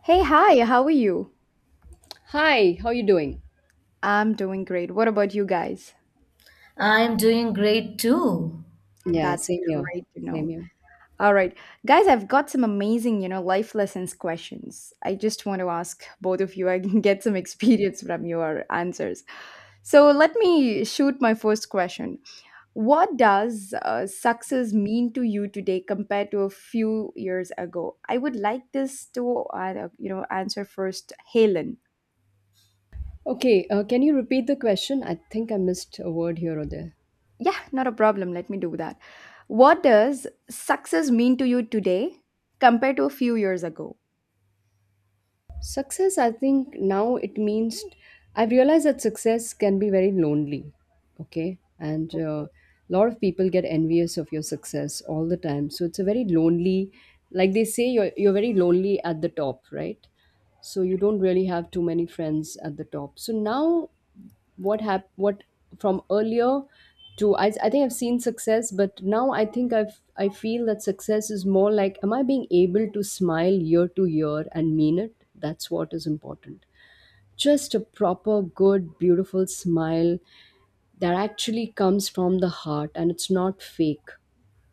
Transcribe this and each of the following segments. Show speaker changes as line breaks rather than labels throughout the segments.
Hey, hi, how are you?
Hi, how you doing?
I'm doing great. What about you guys?
I'm doing great too.
Yeah,
That's
same here.
great to
Same
know.
here.
All right, guys, I've got some amazing, life lessons questions. I just want to ask both of you. I can get some experience from your answers. So let me shoot my first question. What does success mean to you today compared to a few years ago? I would like this to, answer first, Helen.
Okay, can you repeat the question? I think I missed a word here or there.
Yeah, not a problem. Let me do that. What does success mean to you today compared to a few years ago?
Success, I think now it means I've realized that success can be very lonely. Okay, and
Okay.
a lot of people get envious of your success all the time. So it's a very lonely, like they say, you're very lonely at the top, right? So you don't really have too many friends at the top. So now what from earlier to I think I've seen success, but now I think I feel that success is more like, am I being able to smile year to year and mean it. That's what is important. Just a proper, good, beautiful smile that actually comes from the heart, and it's not fake.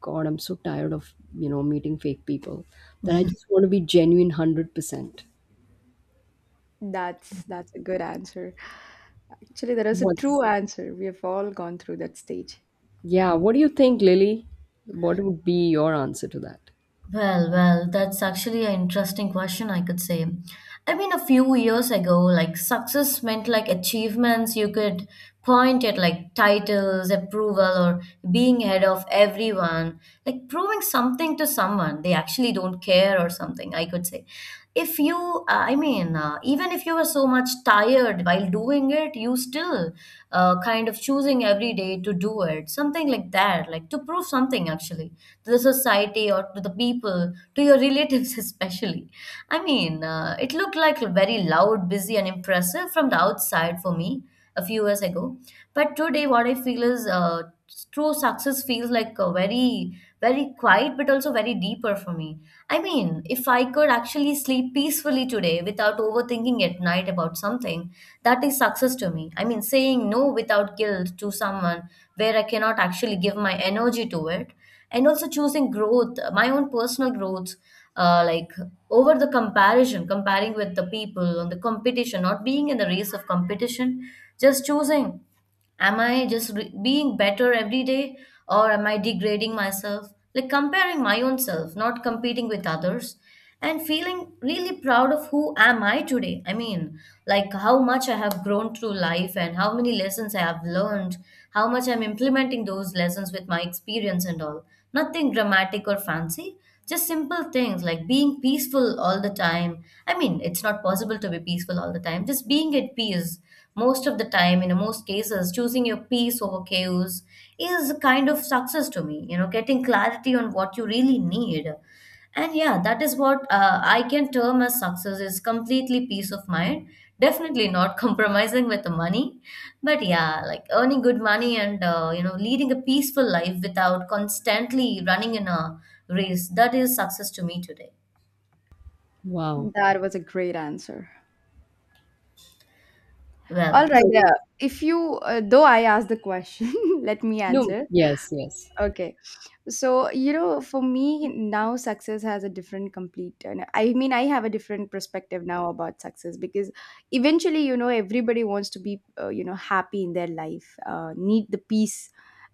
God, I'm so tired of meeting fake people, that I just want to be genuine 100%.
That's a good answer. Actually, that is a true
What's
answer. We have all gone through that stage.
Yeah, what do you think, Lily? What would be your answer to that?
Well, that's actually an interesting question, I could say. I mean, a few years ago, like success meant like achievements you could point at, like titles, approval, or being ahead of everyone, like proving something to someone they actually don't care or something, I could say. If you I mean even if you are so much tired while doing it you still kind of choosing every day to do it something like that like to prove something actually to the society or to the people to your relatives especially it looked like very loud busy and impressive from the outside for me a few years ago. But today what I feel is true success feels like a very very quiet but also very deeper for me. I mean, if I could actually sleep peacefully today without overthinking at night about something, that is success to me. I mean, saying no without guilt to someone where I cannot actually give my energy to it, and also choosing growth, my own personal growth, like over the comparison, comparing with the people on the competition, not being in the race of competition, just choosing am I being better every day, or am I degrading myself like comparing my own self, not competing with others and feeling really proud of who am I today. I mean, like how much I have grown through life and how many lessons I have learned, how much I'm implementing those lessons with my experience and all. Nothing dramatic or fancy, just simple things like being peaceful all the time. I mean, it's not possible to be peaceful all the time, just being at peace most of the time, in most cases choosing your peace over chaos is a kind of success to me, you know, getting clarity on what you really need. And yeah, that is what I can term as success is completely peace of mind. Definitely not compromising with the money, but yeah, like earning good money and you know, leading a peaceful life without constantly running in a race. That is success to me today.
Wow.
That was a great answer. All
Well,
Yeah,
right. If you, though I asked the question, let me
no.
answer.
Yes, yes.
Okay. So for me now, success has a different complete, and I mean I have a different perspective now about success, because eventually everybody wants to be happy in their life, need the peace.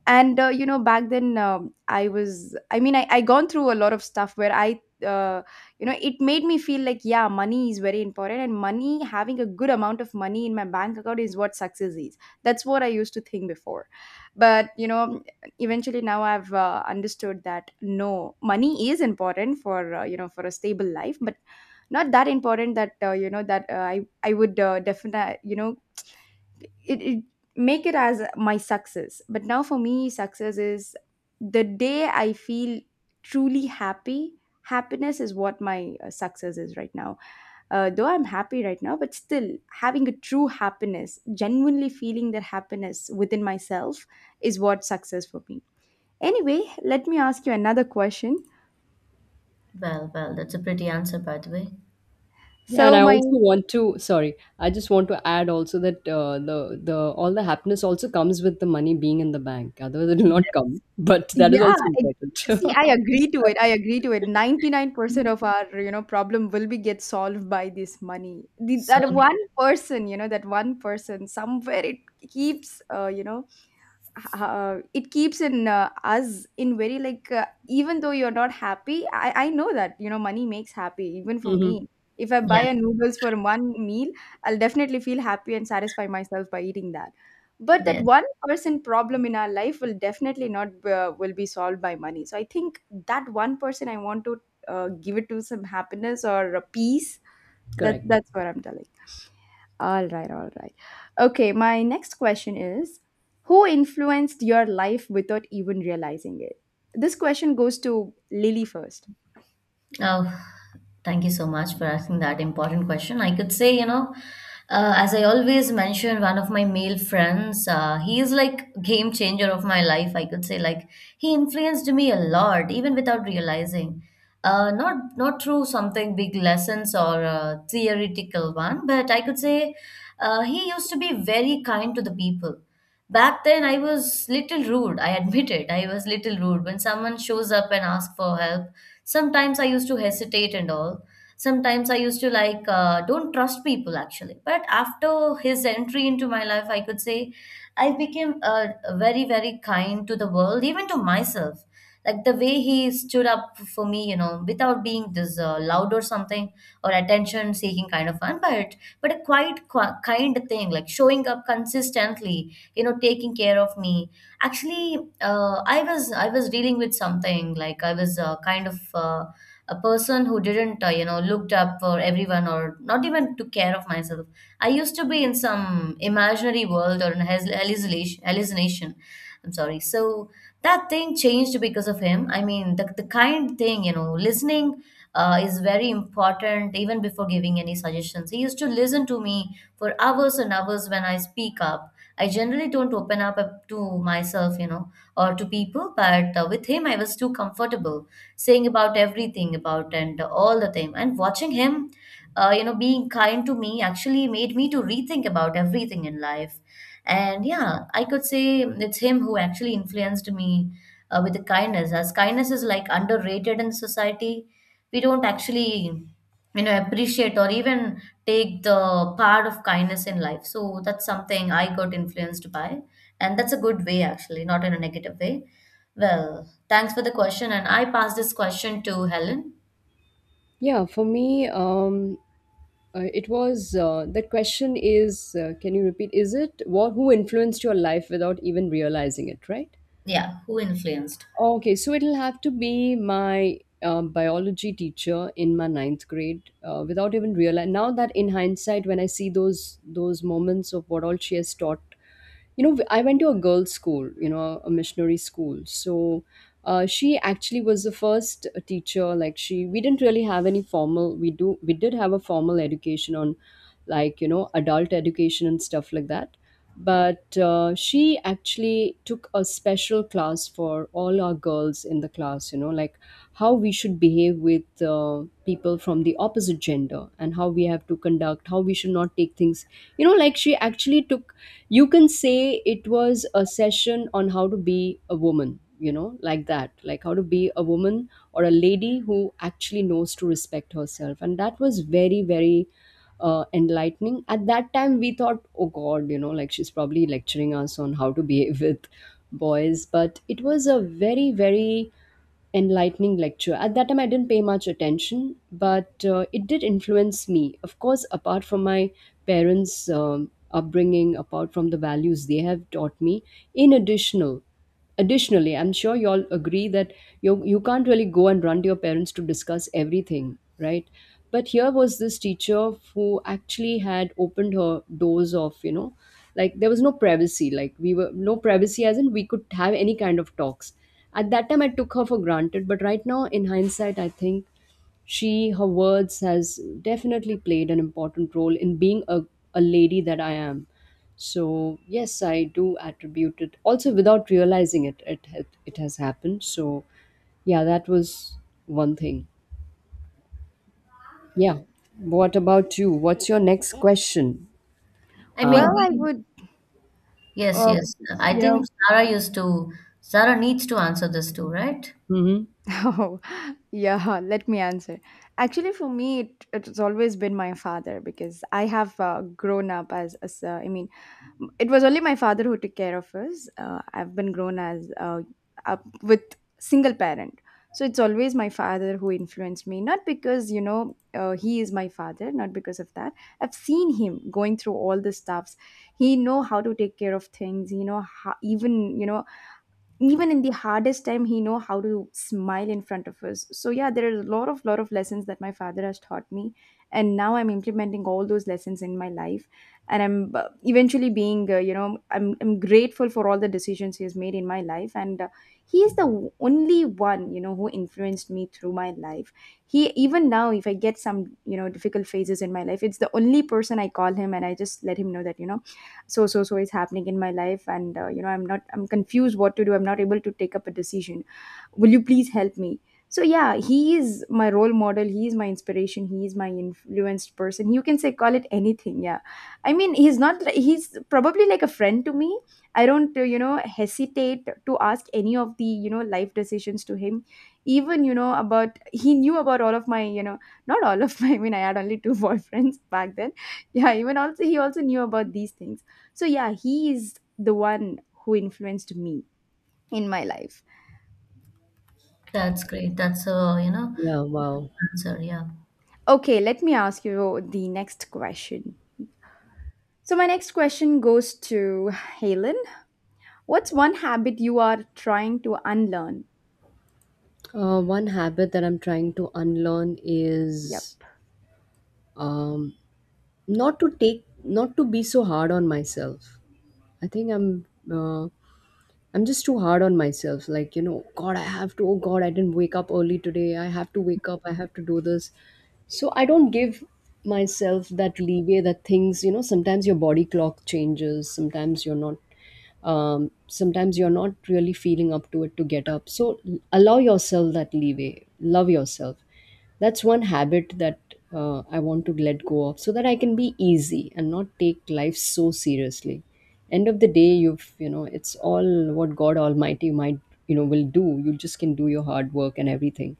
And back then, I mean, I gone through a lot of stuff where I it made me feel like yeah, money is very important, and money having a good amount of money in my bank account is what success is. That's what I used to think before. But eventually now I've understood that no, money is important for you know for a stable life, but not that important that you know that I would, definitely, it, it make it as my success. But now for me, success is the day I feel truly happy. Happiness is what my success is right now. Though I'm happy right now, but still having a true happiness, genuinely feeling that happiness within myself is what success for me. Anyway, let me ask you another question.
well. That's a pretty answer, by the way.
Yeah, and
So
I
my
also want to, sorry, I just want to add also that the all the happiness also comes with the money being in the bank. Otherwise, it will not come. But that is
yeah,
also important.
see, I agree to it. I agree to it. 99% of our, problem will be get solved by this money.
So
That one person, that one person somewhere, it keeps, it keeps in, us in very, like, even though you're not happy, I know that money makes happy even for
Hmm.
me. If I
yeah,
buy a noodles for one meal, I'll definitely feel happy and satisfy myself by eating that. But that
yes.
one person problem in our life will definitely not, will be solved by money, so I think that one person I want to, give it to some happiness or a peace. that
Correct.
that's what I'm telling. All right, all right. Okay, my next question is, who influenced your life without even realizing it? This question goes to Lily first.
Oh, thank you so much for asking that important question. I could say, you know, as I always mention, one of my male friends, he is like game changer of my life. I could say, like he influenced me a lot, even without realizing. Not through something big lessons or a theoretical one, but I could say he used to be very kind to the people. Back then, I was little rude. I admit it. I was little rude when someone shows up and asks for help. Sometimes I used to hesitate and all. Sometimes I used to like don't trust people actually. But after his entry into my life, I could say I became very very kind to the world, even to myself. Like the way he stood up for me, you know, without being this loud or something or attention seeking kind of one, but but a kind thing, like showing up consistently, you know, taking care of me. Actually, I was dealing with something like I was a person who didn't you know looked up for everyone or not even took care of myself. I used to be in some imaginary world or an hallucination. I'm sorry. So that thing changed because of him. I mean, the kind thing, you know, listening is very important even before giving any suggestions. He used to listen to me for hours and hours when I speak up. I generally don't open up to myself, you know, or to people, but with him I was too comfortable saying about everything about and all the time. And watching him, you know, being kind to me actually made me to rethink about everything in life. And yeah, I could say it's him who actually influenced me with the kindness, as kindness is like underrated in society. We don't actually, you know, appreciate or even take the part of kindness in life. So that's something I got influenced by. And that's a good way, actually, not in a negative way. Well, thanks for the question. And I pass this question to Helen.
Yeah, for me, it was the question is, can you repeat? Is it what who influenced your life without even realizing it, right?
Yeah, who influenced?
Okay, so it'll have to be my biology teacher in my ninth grade, without even realizing. Now that in hindsight, when I see those moments of what all she has taught. I went to a girls school, a missionary school. So she actually was the first teacher, like she we didn't really have any formal, we did have a formal education on, like, adult education and stuff like that. But she actually took a special class for all our girls in the class, like, how we should behave with people from the opposite gender, and how we have to conduct, how we should not take things, like she actually took, you can say it was a session on how to be a woman, like that, like how to be a woman, or a lady who actually knows to respect herself. And that was very, very enlightening. At that time we thought, oh God, like she's probably lecturing us on how to behave with boys. But it was a very, very enlightening lecture. At that time, I didn't pay much attention, but it did influence me. Of course, apart from my parents' upbringing, apart from the values they have taught me, in additional, additionally, I'm sure you all agree that you can't really go and run to your parents to discuss everything, right? But here was this teacher who actually had opened her doors of, like there was no privacy. Like we were, no privacy as in we could have any kind of talks. At that time, I took her for granted. But right now, in hindsight, I think she her words has definitely played an important role in being a lady that I am. So yes, I do attribute it also. Without realizing it has happened, so yeah, that was one thing. Yeah. What about you? What's your next question?
I
uh,
mean,
Well, I
we,
would,
yes,
uh,
yes. I
you
think
know,
Sarah used to, Sarah needs to answer this too, right?
mhm.
oh, yeah, let me answer. Actually, for me, it's always been my father, because I have, grown up as, I mean, it was only my father who took care of us. I've been grown as up with single parent. So it's always my father who influenced me, not because, he is my father, not because of that. I've seen him going through all the stuffs. He know how to take care of things. He know how, even in the hardest time he know how to smile in front of us. So yeah, there are a lot of lessons that my father has taught me, and now I'm implementing all those lessons in my life. And I'm, eventually being you know I'm grateful for all the decisions he has made in my life. And, he is the only one who influenced me through my life. He Even now, if I get some difficult phases in my life, it's the only person I call him, and I just let him know that, so so so is happening in my life. And, I'm not, I'm confused what to do. I'm not able to take up a decision. Will you please help me? So yeah, he is my role model, he is my inspiration, he is my influenced person. You can say, call it anything. Yeah, I mean, he's not he's probably like a friend to me. I don't, hesitate to ask any of the life decisions to him. Even about, he knew about all of my, not all of my I mean, I had only two boyfriends back then. Yeah, even also, he also knew about these things. So yeah, he is the one who influenced me in my life.
That's great. That's a, you know,
Yeah. Wow.
answer. Yeah.
Okay, let me ask you the next question. So, my next question goes to Helen. What's one habit you are trying to unlearn?
One habit that I'm trying to unlearn
Yep.
is um, not to be so hard on myself. I think uh, I'm just too hard on myself. Like, God, I have to, oh God, I didn't wake up early today. I have to wake up. I have to do this. So I don't give myself that leeway that things, sometimes your body clock changes. Sometimes you're not really feeling up to it to get up. So allow yourself that leeway. Love yourself. That's one habit that I want to let go of so that I can be easy and not take life so seriously. End of the day, it's all what God Almighty might, will do. You just can do your hard work and everything,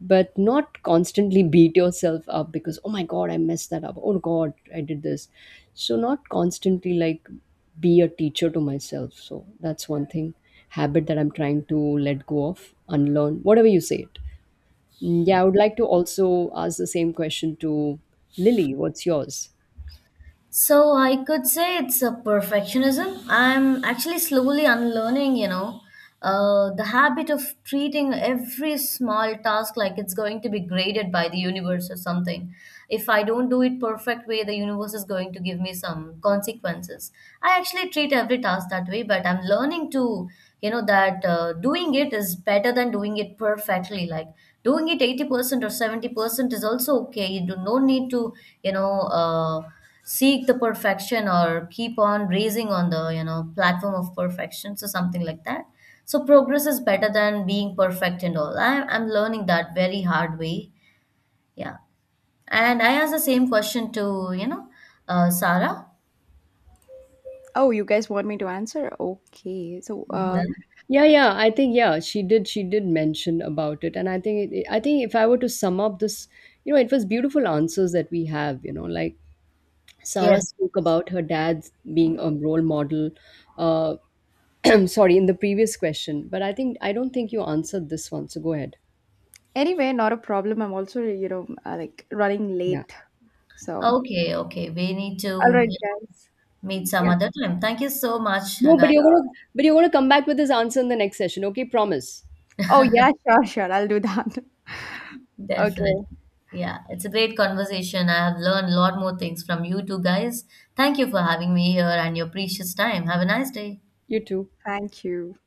but not constantly beat yourself up because, oh my God, I messed that up. Oh God, I did this. So, not constantly like be a teacher to myself. So, that's one thing, habit that I'm trying to let go of, unlearn, whatever you say it. Mm, yeah, I would like to also ask the same question to Lily. What's yours?
So I could say it's a perfectionism. I'm actually slowly unlearning, you know, the habit of treating every small task like it's going to be graded by the universe or something. If I don't do it perfect way, the universe is going to give me some consequences. I actually treat every task that way, but I'm learning to, you know, that doing it is better than doing it perfectly. Like doing it 80% or 70% is also okay. You do no need to, you know, seek the perfection or keep on raising on the you know platform of perfection, so something like that. So progress is better than being perfect and all. I'm learning that very hard way. Yeah. And I asked the same question to you know Sarah
Oh, you guys want me to answer? Okay. So,
as well. Mhm.
Yeah, yeah, I think yeah, she did. She did mention about it, and I think if I were to sum up this, it was beautiful answers that we have. Like Sarah
Yes.
spoke about her dad being a role model. Uh, sorry, in the previous question, but I don't think you answered this one. So go ahead.
anyway, not a problem. I'm also, like running
Yeah,
late. So,
Okay, we need
all
to
right, guys.
meet some
yeah.
other time. Thank you so much
No, but
guys.
you're gonna
Sure.
but you're gonna come back with this answer in the next session. Okay, promise.
Oh, yeah, sure, sure. I'll do that.
Definitely.
Okay.
Yeah, it's a great conversation. I have learned a lot more things from you two guys. Thank you for having me here and your precious time. Have a nice day.
You too.
Thank you.